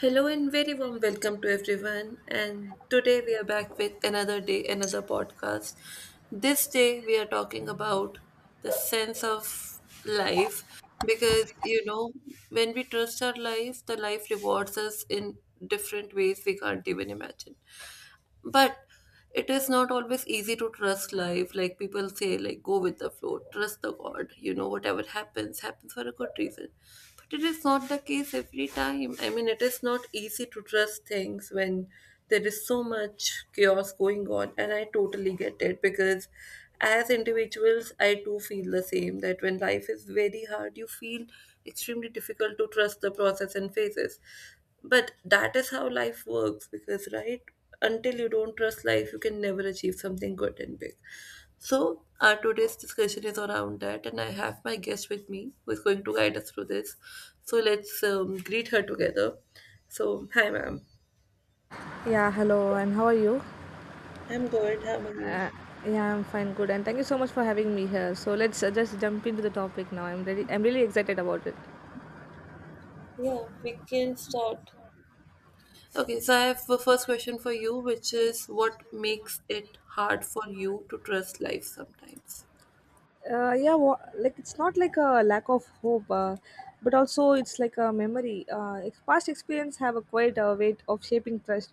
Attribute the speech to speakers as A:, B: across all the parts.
A: Hello and very warm welcome to everyone. And today we are back with another day, another podcast. This day we are talking about the sense of life because when we trust our life, the life rewards us in different ways we can't even imagine. But it is not always easy to trust life. Like people say, like go with the flow, trust the God, whatever happens, happens for a good reason. But it is not the case every time. I mean, it is not easy to trust things when there is so much chaos going on, and I totally get it because as individuals, I too feel the same that when life is very hard, you feel extremely difficult to trust the process and phases. But that is how life works because, right, until you don't trust life, you can never achieve something good and big. So our today's discussion is around that, and I have my guest with me who is going to guide us through this. So let's greet her together. So, hi, ma'am.
B: Yeah, hello, and how are you?
A: I'm good. How are you?
B: Uh, Yeah, I'm fine, good, and thank you so much for having me here. So let's just jump into the topic now. I'm really excited about it.
A: Yeah, we can start. Okay, so I have the first question for you, which is what makes it hard for you to trust life sometimes?
B: Like it's not like a lack of hope, but also it's like a memory. Past experience have a quite a weight of shaping trust.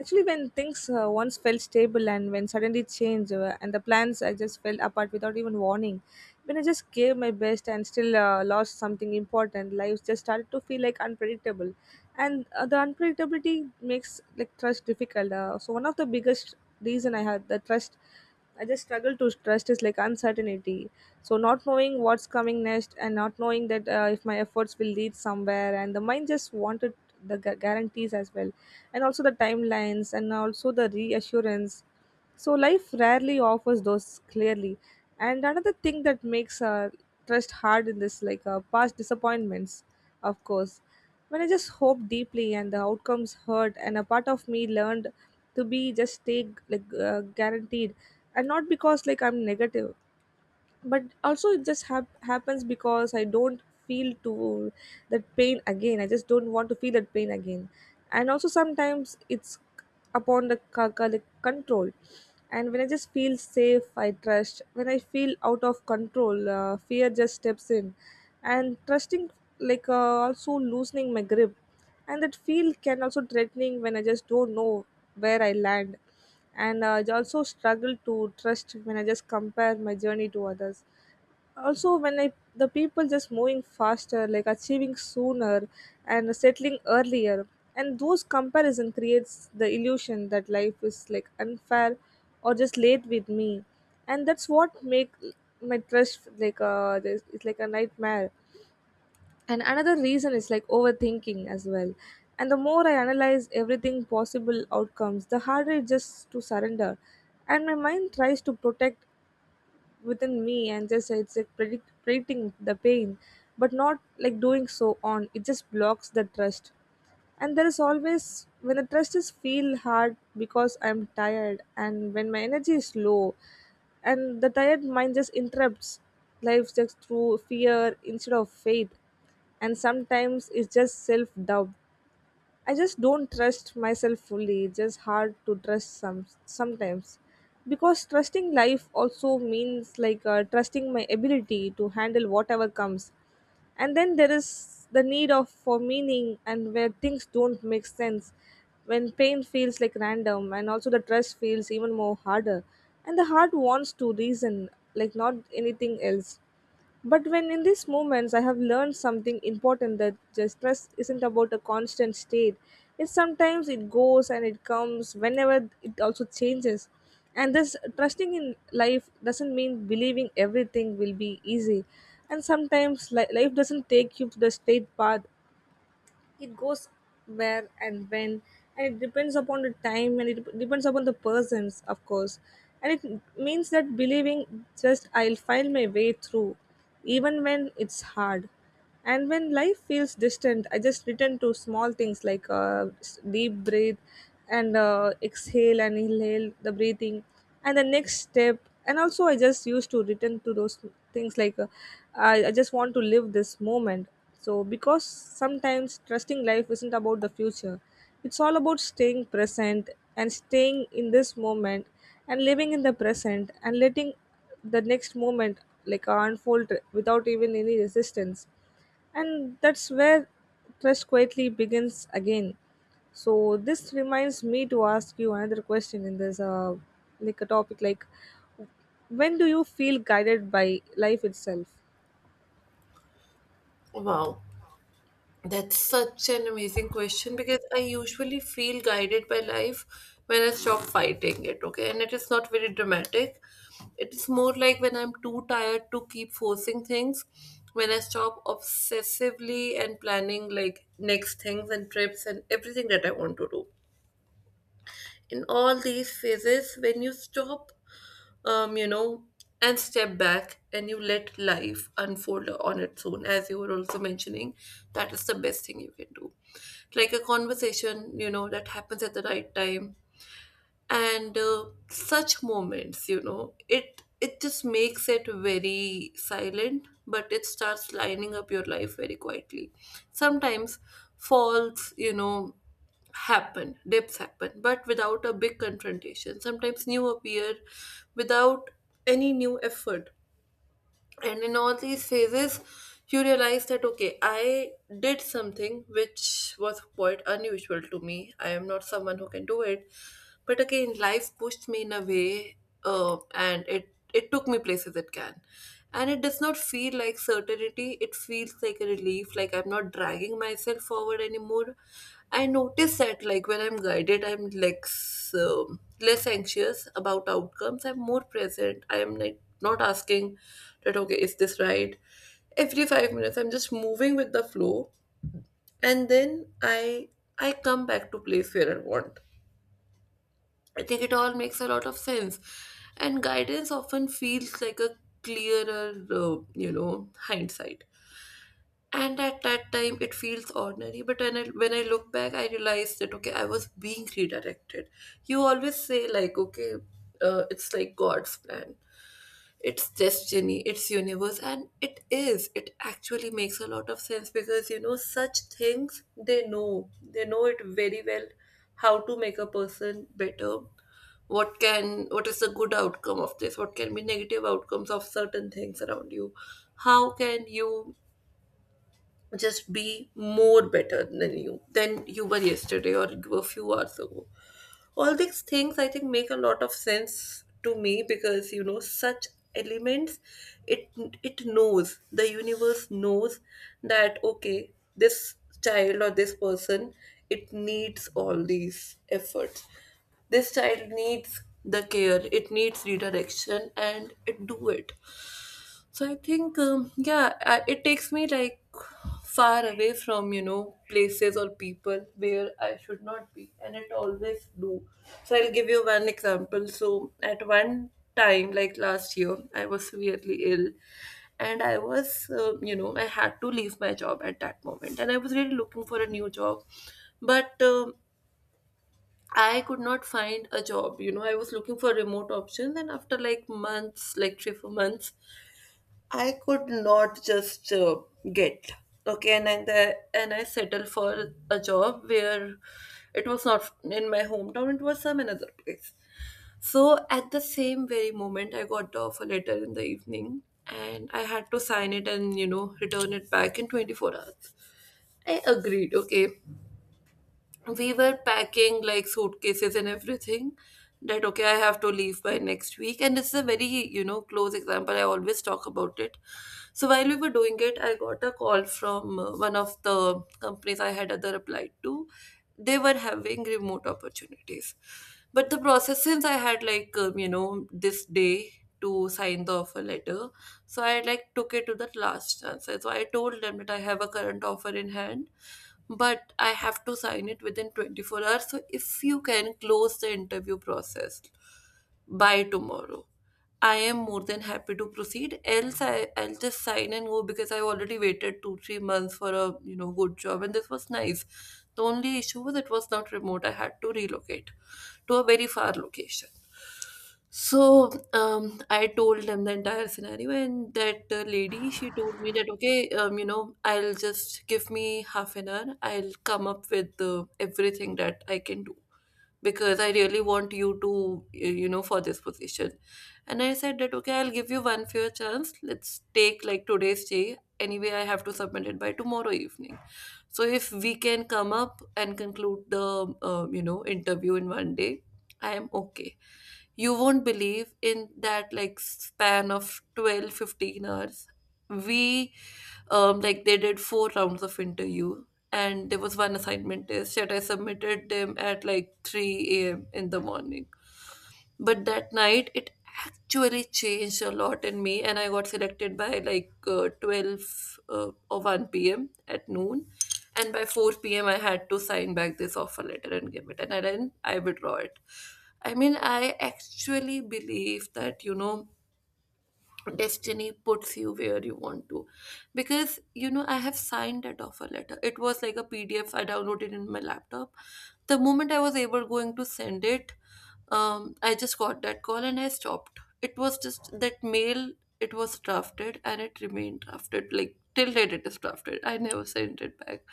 B: Actually, when things once felt stable and when suddenly change, and the plans I just fell apart without even warning. When I just gave my best and still lost something important, life just started to feel like unpredictable. And the unpredictability makes like trust difficult. So one of the biggest reason I had the trust, I just struggle to trust is like uncertainty. So not knowing what's coming next and not knowing that, if my efforts will lead somewhere, and the mind just wanted the guarantees as well, and also the timelines and also the reassurance. So life rarely offers those clearly. And another thing that makes trust hard in this, like, past disappointments, of course. When I just hoped deeply and the outcomes hurt, and a part of me learned to be just take like, guaranteed, and not because like I'm negative, but also it just happens because I don't feel to that pain again. I just don't want to feel that pain again. And also sometimes it's upon the control, and when I just feel safe I trust, when I feel out of control, fear just steps in. And trusting like, also loosening my grip, and that feel can also threatening when I just don't know where I land. And I also struggle to trust when I just compare my journey to others, also when I the people just moving faster, like achieving sooner and settling earlier. And those comparison creates the illusion that life is like unfair or just late with me. And that's what make my trust like, this- it's like a nightmare. And another reason is like overthinking as well, and the more I analyze everything possible outcomes, the harder it just to surrender. And my mind tries to protect within me, and just it's like predicting the pain. But not like doing so, on it just blocks the trust. And there is always when the trust is feel hard because I'm tired and when my energy is low, and the tired mind just interrupts life just through fear instead of faith. And sometimes it's just self-doubt. I just don't trust myself fully. It's just hard to trust sometimes because trusting life also means like, trusting my ability to handle whatever comes. And then there is the need of for meaning, and where things don't make sense, when pain feels like random, and also the trust feels even more harder. And the heart wants to reason, like not anything else. But when in these moments, I have learned something important that the stress isn't about a constant state. It's sometimes it goes and it comes whenever it also changes. And this trusting in life doesn't mean believing everything will be easy. And sometimes life doesn't take you to the straight path. It goes where and when, and it depends upon the time and it depends upon the persons, of course. And it means that believing just I'll find my way through, even when it's hard. And when life feels distant, I just return to small things like, deep breath, and exhale and inhale the breathing, and the next step. And also I just used to return to those things like, uh, I just want to live this moment. So, because sometimes trusting life isn't about the future, it's all about staying present and staying in this moment and living in the present and letting the next moment like, unfold without even any resistance. And that's where trust quietly begins again. So, this reminds me to ask you another question in this, like a topic like, when do you feel guided by life itself?
A: Wow. That's such an amazing question because I usually feel guided by life when I stop fighting it, okay? And it is not very dramatic. It is more like when I'm too tired to keep forcing things, when I stop obsessively and planning like next things and trips and everything that I want to do in all these phases, when you stop, um you know and step back and you let life unfold on its own, as you were also mentioning, that is the best thing you can do, like a conversation, that happens at the right time. And such moments, it just makes it very silent, but it starts lining up your life very quietly. Sometimes falls, happen, dips happen, but without a big confrontation, sometimes new appear without any new effort. And in all these phases you realize that, okay, I did something which was quite unusual to me. I am not someone who can do it, but again life pushed me in a way. And it took me places it can, and it does not feel like certainty. It feels like a relief, like I'm not dragging myself forward anymore. I notice that, like, when I'm guided, I'm less, less anxious about outcomes. I'm more present. I'm like not asking that, okay, is this right every 5 minutes. I'm just moving with the flow, and then I come back to place where I want. I think it all makes a lot of sense, and guidance often feels like a clearer, you know, hindsight. And at that time it feels ordinary, but when I look back, I realize that, okay, I was being redirected. You always say, like, okay, it's like God's plan. It's just uni, it's universe, and it is. It actually makes a lot of sense because, you know, such things, they know, they know it very well how to make a person better, what is the good outcome of this, what can be negative outcomes of certain things around you, how can you just be more better than you were yesterday, or you were a few hours ago. All these things, I think, make a lot of sense to me because, you know, such elements, it it knows, the universe knows that, okay, this child or this person, it needs all these efforts. This child needs the care, it needs redirection, and it do it. So I think, yeah, it takes me, like, far away from, you know, places or people where I should not be, and it always do. So I'll give you one example. So at one time, like last year, I was severely ill, and I was, you know, I had to leave my job at that moment, and I was really looking for a new job, but. I could not find a job, you know. I was looking for remote options, and after like months, like three, 4 months, I could not just get okay, and I settled for a job where it was not in my hometown; it was some another place. So at the same very moment, I got the offer letter in the evening, and I had to sign it and, you know, return it back in 24 hours. I agreed, okay, we were packing like suitcases and everything, that, okay, I have to leave by next week, and this is a very, you know, close example I always talk about it. So while we were doing it, I got a call from, one of the companies I had other applied to. They were having remote opportunities, but the process, since I had, like, you know, this day to sign the offer letter, so I, like, took it to the last chance. So I told them that I have a current offer in hand, but I have to sign it within 24 hours. So if you can close the interview process by tomorrow, I am more than happy to proceed. Else, I'll just sign and go because I already waited two, 3 months for a, you know, good job, and this was nice. The only issue was it was not remote. I had to relocate to a very far location. So, I told them the entire scenario, and that lady, she told me that, okay, you know, I'll just give me half an hour. I'll come up with everything that I can do because I really want you to, for this position. And I said that, okay, I'll give you one fair chance. Let's take like today's day. Anyway, I have to submit it by tomorrow evening. So if we can come up and conclude the, you know, interview in one day, I am okay. You won't believe in that, like, span of 12-15 hours we, like, they did four rounds of interview, and there was one assignment test that I submitted them at like 3 a.m. in the morning. But that night it actually changed a lot in me, and I got selected by, like, 12, or 1 p.m. at noon, and by 4 p.m. I had to sign back this offer letter and give it. And I then I withdraw it. I mean, I actually believe that, you know, destiny puts you where you want to, because, you know, I have signed that offer letter. It was like a PDF I downloaded in my laptop. The moment I was ever going to send it, I just got that call and I stopped. It was just that mail. It was drafted and it remained drafted. Like till date, it is drafted. I never sent it back.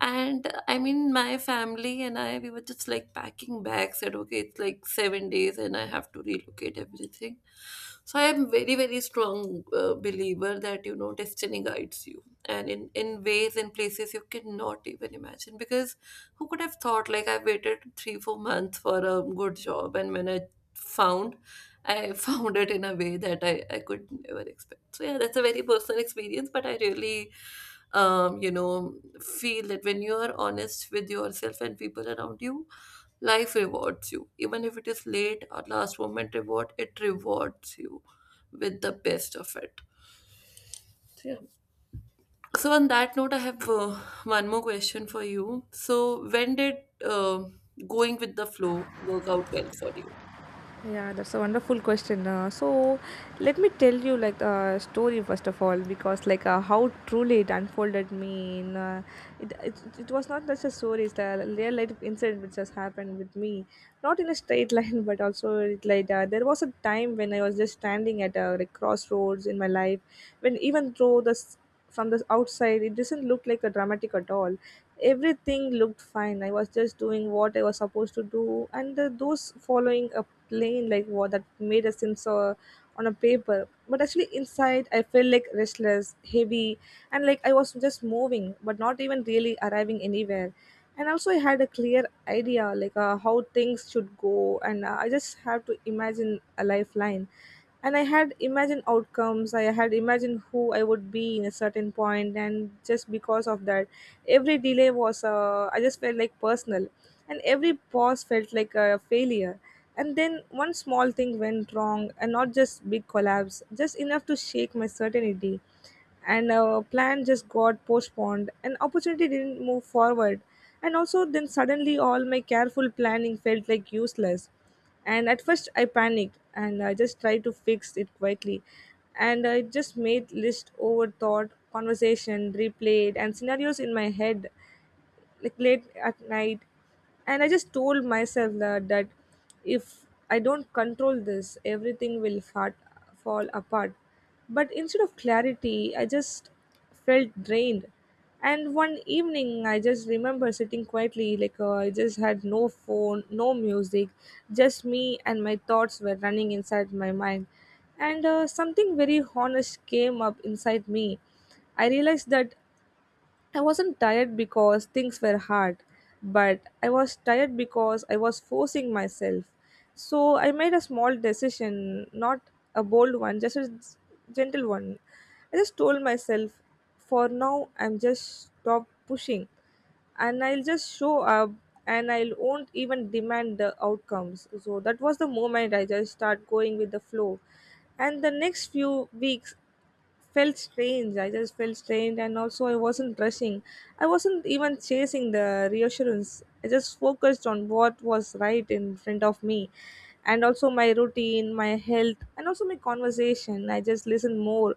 A: And, I mean, my family and I, we were just like packing bags, said, okay, it's like 7 days and I have to relocate everything. So I am very, very strong believer that, you know, destiny guides you. And in ways and places you cannot even imagine, because who could have thought, like, I waited 3, 4 months for a good job, and when I found, I found it in a way that I could never expect. So yeah, that's a very personal experience, but I really, you know, feel that when you are honest with yourself and people around you, life rewards you. Even if it is late or last moment reward, it rewards you with the best of it. So yeah. So, on that note, I have, one more question for you. So, when did, going with the flow work out well for you?
B: Yeah, that's a wonderful question. So, let me tell you like a story first of all, because like, how truly it unfolded me. In, it, it it was not just a story; it's a real life incident which has happened with me. Not in a straight line, but also it, like, there was a time when I was just standing at a, like, crossroads in my life, when even though the from the outside it doesn't look like a dramatic at all. Everything looked fine. I was just doing what I was supposed to do, and the, those following a plane like what that made a sense on a paper. But actually inside I felt like restless, heavy, and like I was just moving but not even really arriving anywhere. And also I had a clear idea, like, how things should go, and I just have to imagine a lifeline. And I had imagined outcomes, I had imagined who I would be in a certain point, and just because of that, every delay was, I just felt like personal, and every pause felt like a failure. And then one small thing went wrong, and not just big collapse, just enough to shake my certainty. And a plan just got postponed. An opportunity didn't move forward, and also then suddenly all my careful planning felt like useless. And at first I panicked and I just tried to fix it quickly, and I just made list, overthought conversation, replayed and scenarios in my head, like late at night. And I just told myself that, if I don't control this, everything will fall apart. But instead of clarity, I just felt drained. And one evening I just remember sitting quietly, like, I just had no phone, no music, just me and my thoughts were running inside my mind. And something very honest came up inside me. I realized that I wasn't tired because things were hard, but I was tired because I was forcing myself. So I made a small decision, not a bold one, just a gentle one. I just told myself, for now, I'm just stop pushing, and I'll just show up, and I won't even demand the outcomes. So that was the moment I just start going with the flow. And the next few weeks felt strange. I just felt strange, and also I wasn't rushing. I wasn't even chasing the reassurance. I just focused on what was right in front of me, and also my routine, my health, and also my conversation. I just listened more,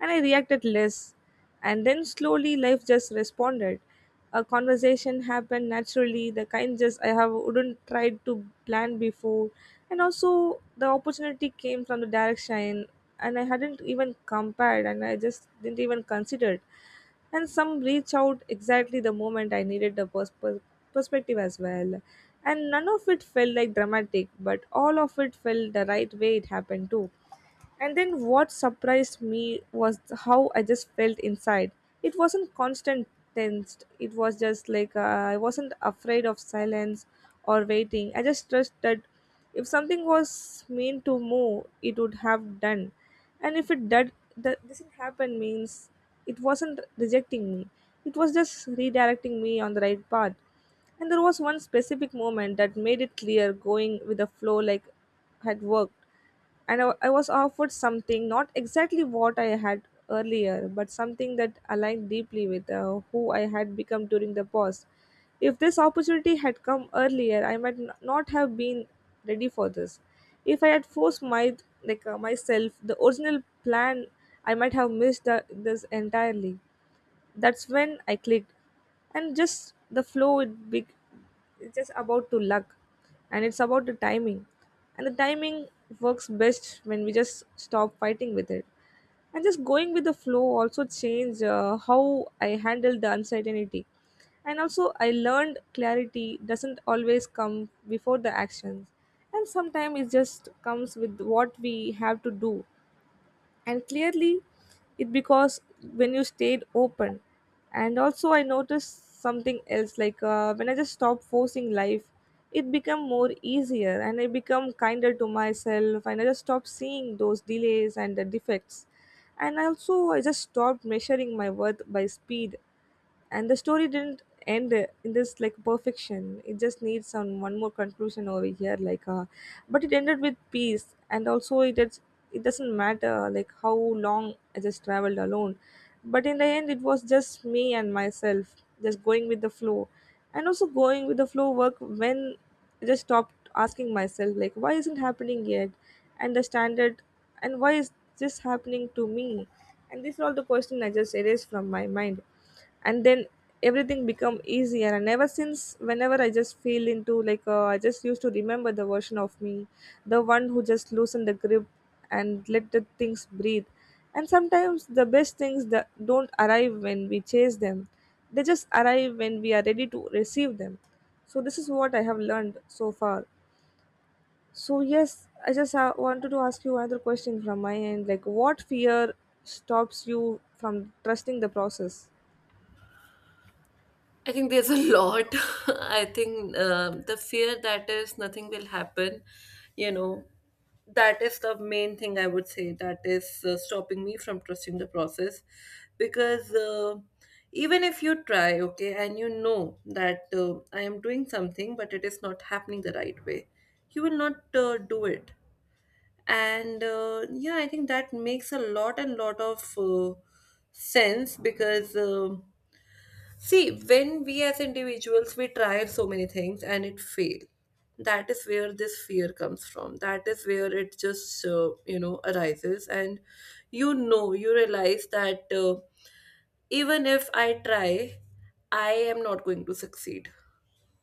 B: and I reacted less. And then slowly, life just responded. A conversation happened naturally, the kind just I have wouldn't tried to plan before, and also the opportunity came from the direction, and I hadn't even compared and I just didn't even consider it. And some reach out exactly the moment I needed the perspective as well. And none of it felt like dramatic, but all of it felt the right way it happened too. And then what surprised me was how I just felt inside. It wasn't constant tensed. It was just like, I wasn't afraid of silence or waiting. I just trust that if something was meant to move, it would have done. And if it did, that doesn't happen, means it wasn't rejecting me. It was just redirecting me on the right path. And there was one specific moment that made it clear going with the flow like had worked. And I was offered something not exactly what I had earlier, but something that aligned deeply with, who I had become during the pause. If this opportunity had come earlier, I might not have been ready for this. If I had forced my myself the original plan, I might have missed this entirely. That's when I clicked, and just the flow it big, it's just about to luck, and it's about the timing, and the timing works best when we just stop fighting with it. And just going with the flow also changed how I handle the uncertainty. And also I learned clarity doesn't always come before the actions, and sometimes it just comes with what we have to do and clearly it because when you stayed open. And also I noticed something else when I just stopped forcing life, it become more easier and I become kinder to myself, and I just stopped seeing those delays and the defects. And also I just stopped measuring my worth by speed. And the story didn't end in this like perfection. It just needs some one more conclusion over here but it ended with peace. And also it is, it doesn't matter like how long I just traveled alone, but in the end it was just me and myself, just going with the flow. And also going with the flow work when I just stopped asking myself like why isn't happening yet, and the standard, and why is this happening to me. And these are all the questions I just erased from my mind. And then everything become easier, and ever since whenever I just feel into I just used to remember the version of me, the one who just loosened the grip and let the things breathe. And sometimes the best things that don't arrive when we chase them, they just arrive when we are ready to receive them. So this is what I have learned so far. So yes, I just wanted to ask you another question from my end, like what fear stops you from trusting the process?
A: I think there's a lot. I think the fear that is nothing will happen, you know, that is the main thing I would say that is, stopping me from trusting the process. Because even if you try, okay, and you know that I am doing something, but it is not happening the right way, you will not do it and yeah, I think that makes a lot and lot of sense. Because see, when we as individuals we try so many things and it fail, that is where this fear comes from, that is where it just you know, arises, and you know, you realize that even if I try, I am not going to succeed.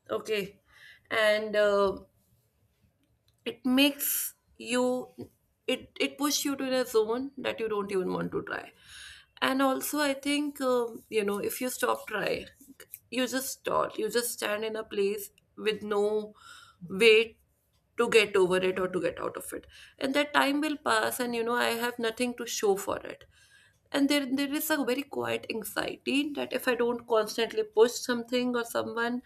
A: Okay. and it makes you, it pushes you to the zone that you don't even want to try. And also I think you know, if you stop trying, you just stall, you just stand in a place with no way to get over it or to get out of it. And that time will pass and you know, I have nothing to show for it. And there is a very quiet anxiety that if I don't constantly push something or someone,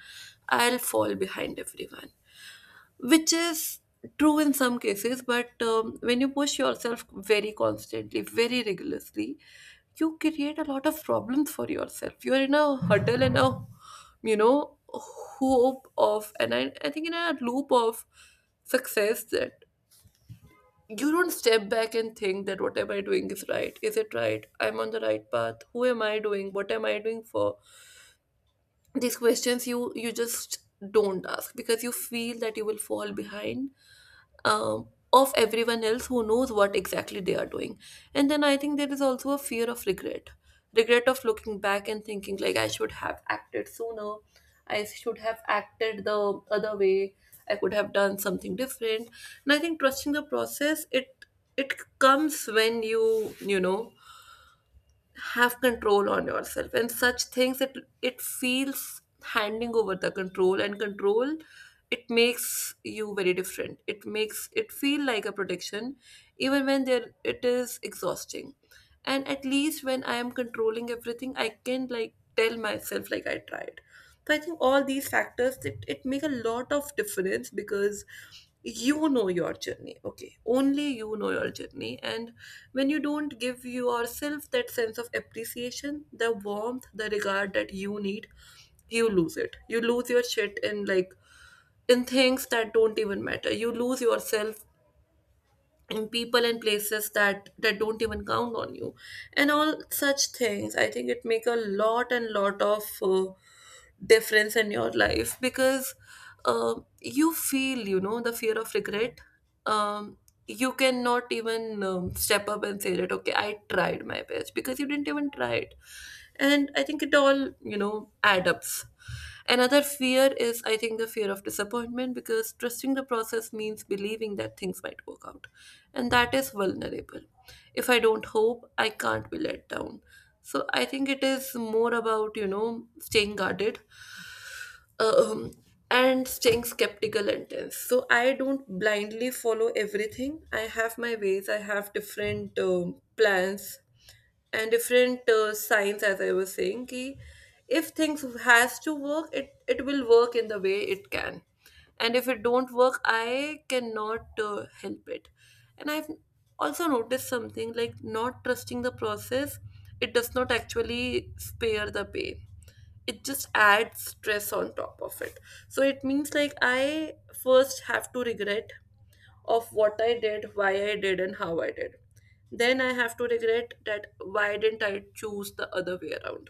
A: I'll fall behind everyone. Which is true in some cases, but when you push yourself very constantly, very rigorously, you create a lot of problems for yourself. You're in a huddle and a, you know, hope of, and I think in a loop of success, that you don't step back and think that what am I doing is right, is it right, I'm on the right path, who am I doing, what am I doing for. These questions you just don't ask because you feel that you will fall behind of everyone else who knows what exactly they are doing. And then I think there is also a fear of regret, regret of looking back and thinking, like, I should have acted sooner, I should have acted the other way, I could have done something different. And I think trusting the process, it comes when you know, have control on yourself, and such things, it feels, handing over the control and control, it makes you very different, it makes it feel like a protection, even when there it is exhausting. And at least when I am controlling everything, I can like tell myself like I tried. So I think all these factors, it make a lot of difference, because you know your journey, okay, only you know your journey. And when you don't give yourself that sense of appreciation, the warmth, the regard that you need, you lose it, you lose your shit in like, in things that don't even matter, you lose yourself in people and places that don't even count on you. And all such things, I think it make a lot and lot of difference in your life, because you feel, you know, the fear of regret, um, you cannot even step up and say that okay, I tried my best, because you didn't even try it. And I think it all, you know, adds up. Another fear is, I think, the fear of disappointment, because trusting the process means believing that things might work out, and that is vulnerable. If I don't hope, I can't be let down. So I think it is more about, you know, staying guarded, um, and staying skeptical and tense. So I don't blindly follow everything. I have my ways. I have different plans and different signs, as I was saying. Ki if things has to work, it will work in the way it can, and if it don't work, I cannot help it. And I've also noticed something like not trusting the process. It does not actually spare the pain, it just adds stress on top of it. So it means like I first have to regret of what I did, why I did and how I did. Then I have to regret that why didn't I choose the other way around.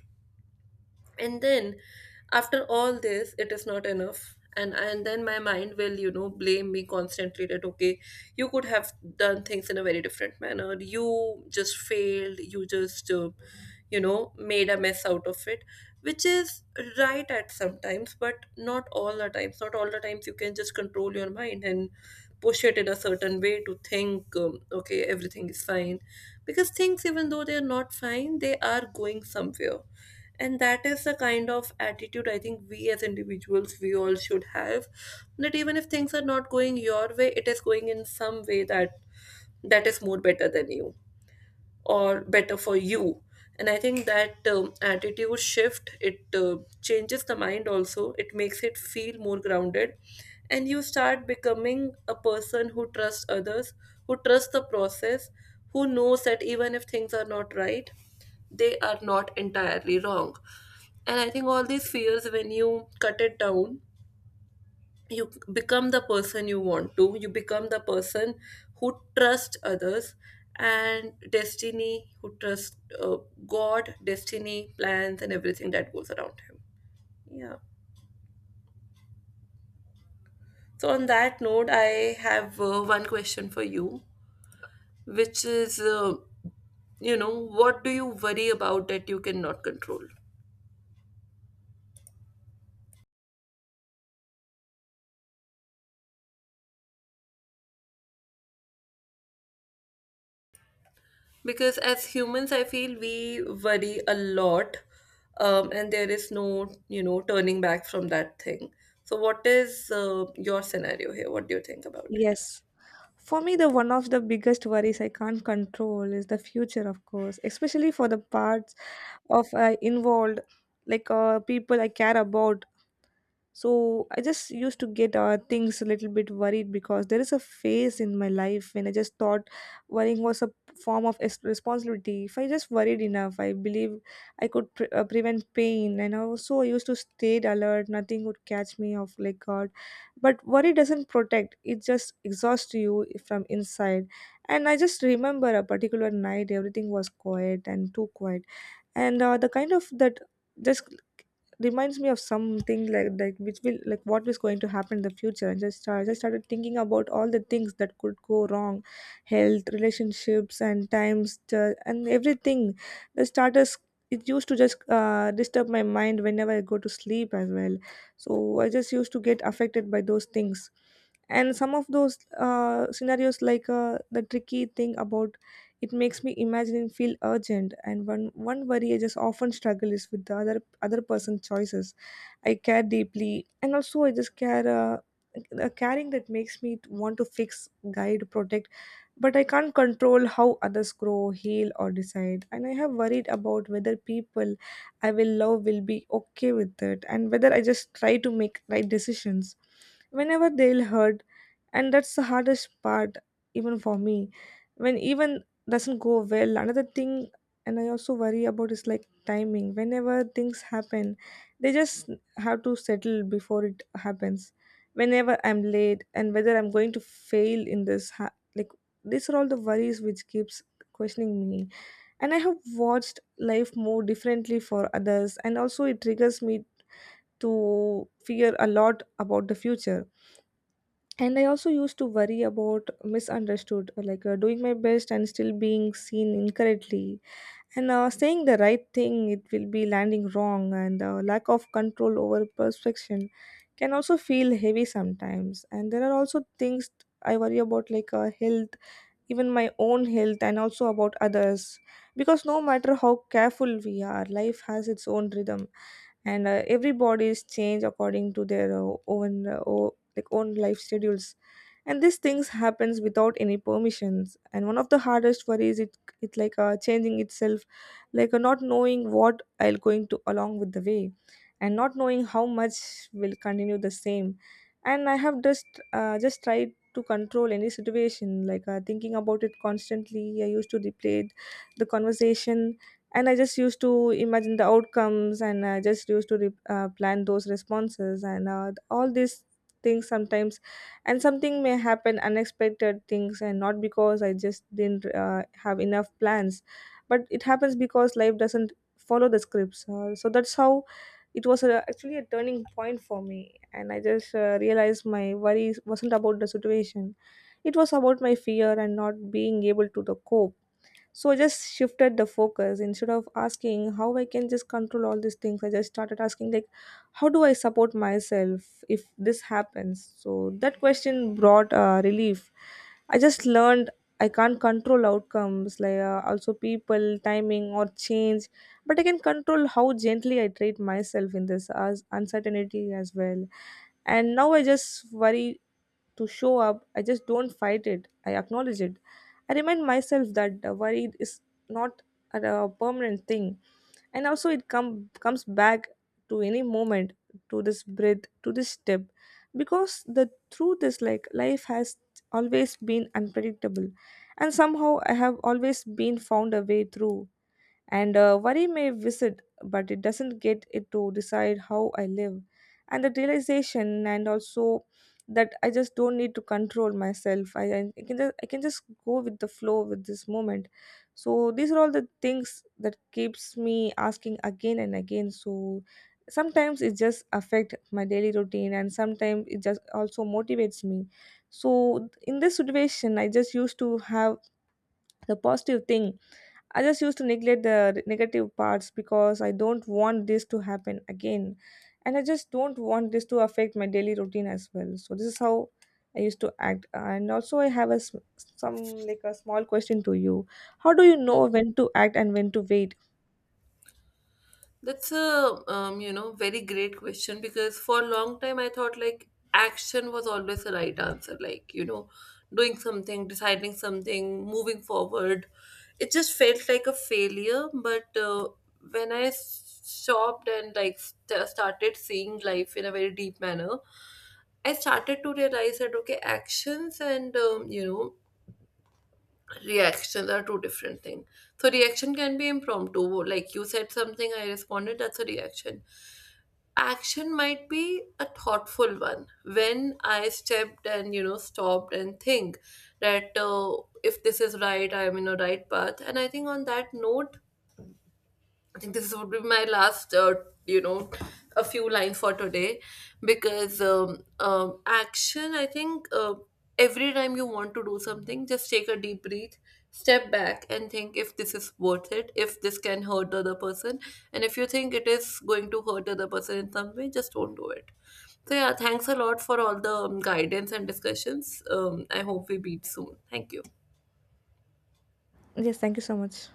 A: And then after all this it is not enough, and then my mind will, you know, blame me constantly that okay, you could have done things in a very different manner, you just failed, you just you know, made a mess out of it. Which is right at sometimes, but not all the times. Not all the times you can just control your mind and push it in a certain way to think, okay, everything is fine, because things, even though they are not fine, they are going somewhere. And that is the kind of attitude I think we as individuals we all should have, that even if things are not going your way, it is going in some way, that that is more better than you, or better for you. And I think that attitude shift, it changes the mind also, it makes it feel more grounded. And you start becoming a person who trusts others, who trusts the process, who knows that even if things are not right, they are not entirely wrong. And I think all these fears, when you cut it down, you become the person you want to. You become the person who trusts others and destiny, who trusts uh, God, destiny, plans, and everything that goes around him. Yeah. So, on that note, I have one question for you, which is, you know, what do you worry about that you cannot control? Because as humans I feel we worry a lot, and there is no, you know, turning back from that thing. So what is your scenario here, what do you think about it?
B: Yes. For me, the one of the biggest worries I can't control is the future, of course, especially for the parts of involved, people I care about. So I just used to get things a little bit worried, because there is a phase in my life when I just thought worrying was a form of responsibility. If I just worried enough, I believe I could prevent pain. And also I used to stay alert; nothing would catch me off like God. But worry doesn't protect; it just exhausts you from inside. And I just remember a particular night, everything was quiet and too quiet, and the kind of that just reminds me of something which will like what was going to happen in the future. And just I just started thinking about all the things that could go wrong, health, relationships, and times and everything. The starters, it used to just disturb my mind whenever I go to sleep as well. So I just used to get affected by those things. And some of those scenarios, the tricky thing about it makes me imagine and feel urgent. And one worry I just often struggle is with the other person's choices. I care deeply, and also I just care, a caring that makes me want to fix, guide, protect, but I can't control how others grow, heal, or decide. And I have worried about whether people I will love will be okay with it, and whether I just try to make right decisions whenever they'll hurt. And that's the hardest part, even for me. When even doesn't go well, another thing, and I also worry about is like timing. Whenever things happen, they just have to settle before it happens. Whenever I'm late and whether I'm going to fail in this, like these are all the worries which keeps questioning me. And I have watched life more differently for others, and also it triggers me to fear a lot about the future. And I also used to worry about misunderstood, doing my best and still being seen incorrectly. And saying the right thing, it will be landing wrong. And lack of control over perfection can also feel heavy sometimes. And there are also things I worry about health, even my own health and also about others, because no matter how careful we are, life has its own rhythm. And everybody is changed according to their own like own life schedules. And these things happens without any permissions. And one of the hardest worries, it changing itself, not knowing what I'll going to along with the way, and not knowing how much will continue the same. And I have just tried to control any situation, thinking about it constantly. I used to replay the conversation, and I just used to imagine the outcomes, and I just used to plan those responses. And all these things sometimes, and something may happen, unexpected things, and not because I just didn't have enough plans, but it happens because life doesn't follow the scripts, so that's how it was actually a turning point for me. And I just realized my worries wasn't about the situation, it was about my fear and not being able to the cope. So I just shifted the focus. Instead of asking how I can just control all these things, I just started asking like, how do I support myself if this happens? So that question brought relief. I just learned I can't control outcomes, also people, timing or change, but I can control how gently I treat myself in this as uncertainty as well. And now I just worry to show up. I just don't fight it. I acknowledge it. I remind myself that worry is not a permanent thing, and also it comes back to any moment, to this breath, to this step, because the truth is like life has always been unpredictable, and somehow I have always been found a way through. And worry may visit, but it doesn't get it to decide how I live. And the realization, and also that I just don't need to control myself. I can just go with the flow with this moment. So these are all the things that keeps me asking again and again. So sometimes it just affect my daily routine, and sometimes it just also motivates me. So in this situation, I just used to have the positive thing. I just used to neglect the negative parts because I don't want this to happen again. And I just don't want this to affect my daily routine as well. So this is how I used to act. And also I have some like a small question to you. How do you know when to act and when to wait?
A: That's a, you know, very great question, because for a long time I thought like action was always the right answer, like, you know, doing something, deciding something, moving forward. It just felt like a failure. But when I stopped and like started seeing life in a very deep manner, I started to realize that okay, actions and, you know, reactions are two different things. So reaction can be impromptu, like you said something, I responded, that's a reaction. Action might be a thoughtful one, when I stepped and, you know, stopped and think that if this is right, I'm in a right path. And I think on that note, I think this would be my last, you know, a few lines for today, because action, I think, every time you want to do something, just take a deep breath, step back, and think if this is worth it, if this can hurt the other person. And if you think it is going to hurt the other person in some way, just don't do it. So, yeah, thanks a lot for all the guidance and discussions. I hope we meet soon. Thank you.
B: Yes, thank you so much.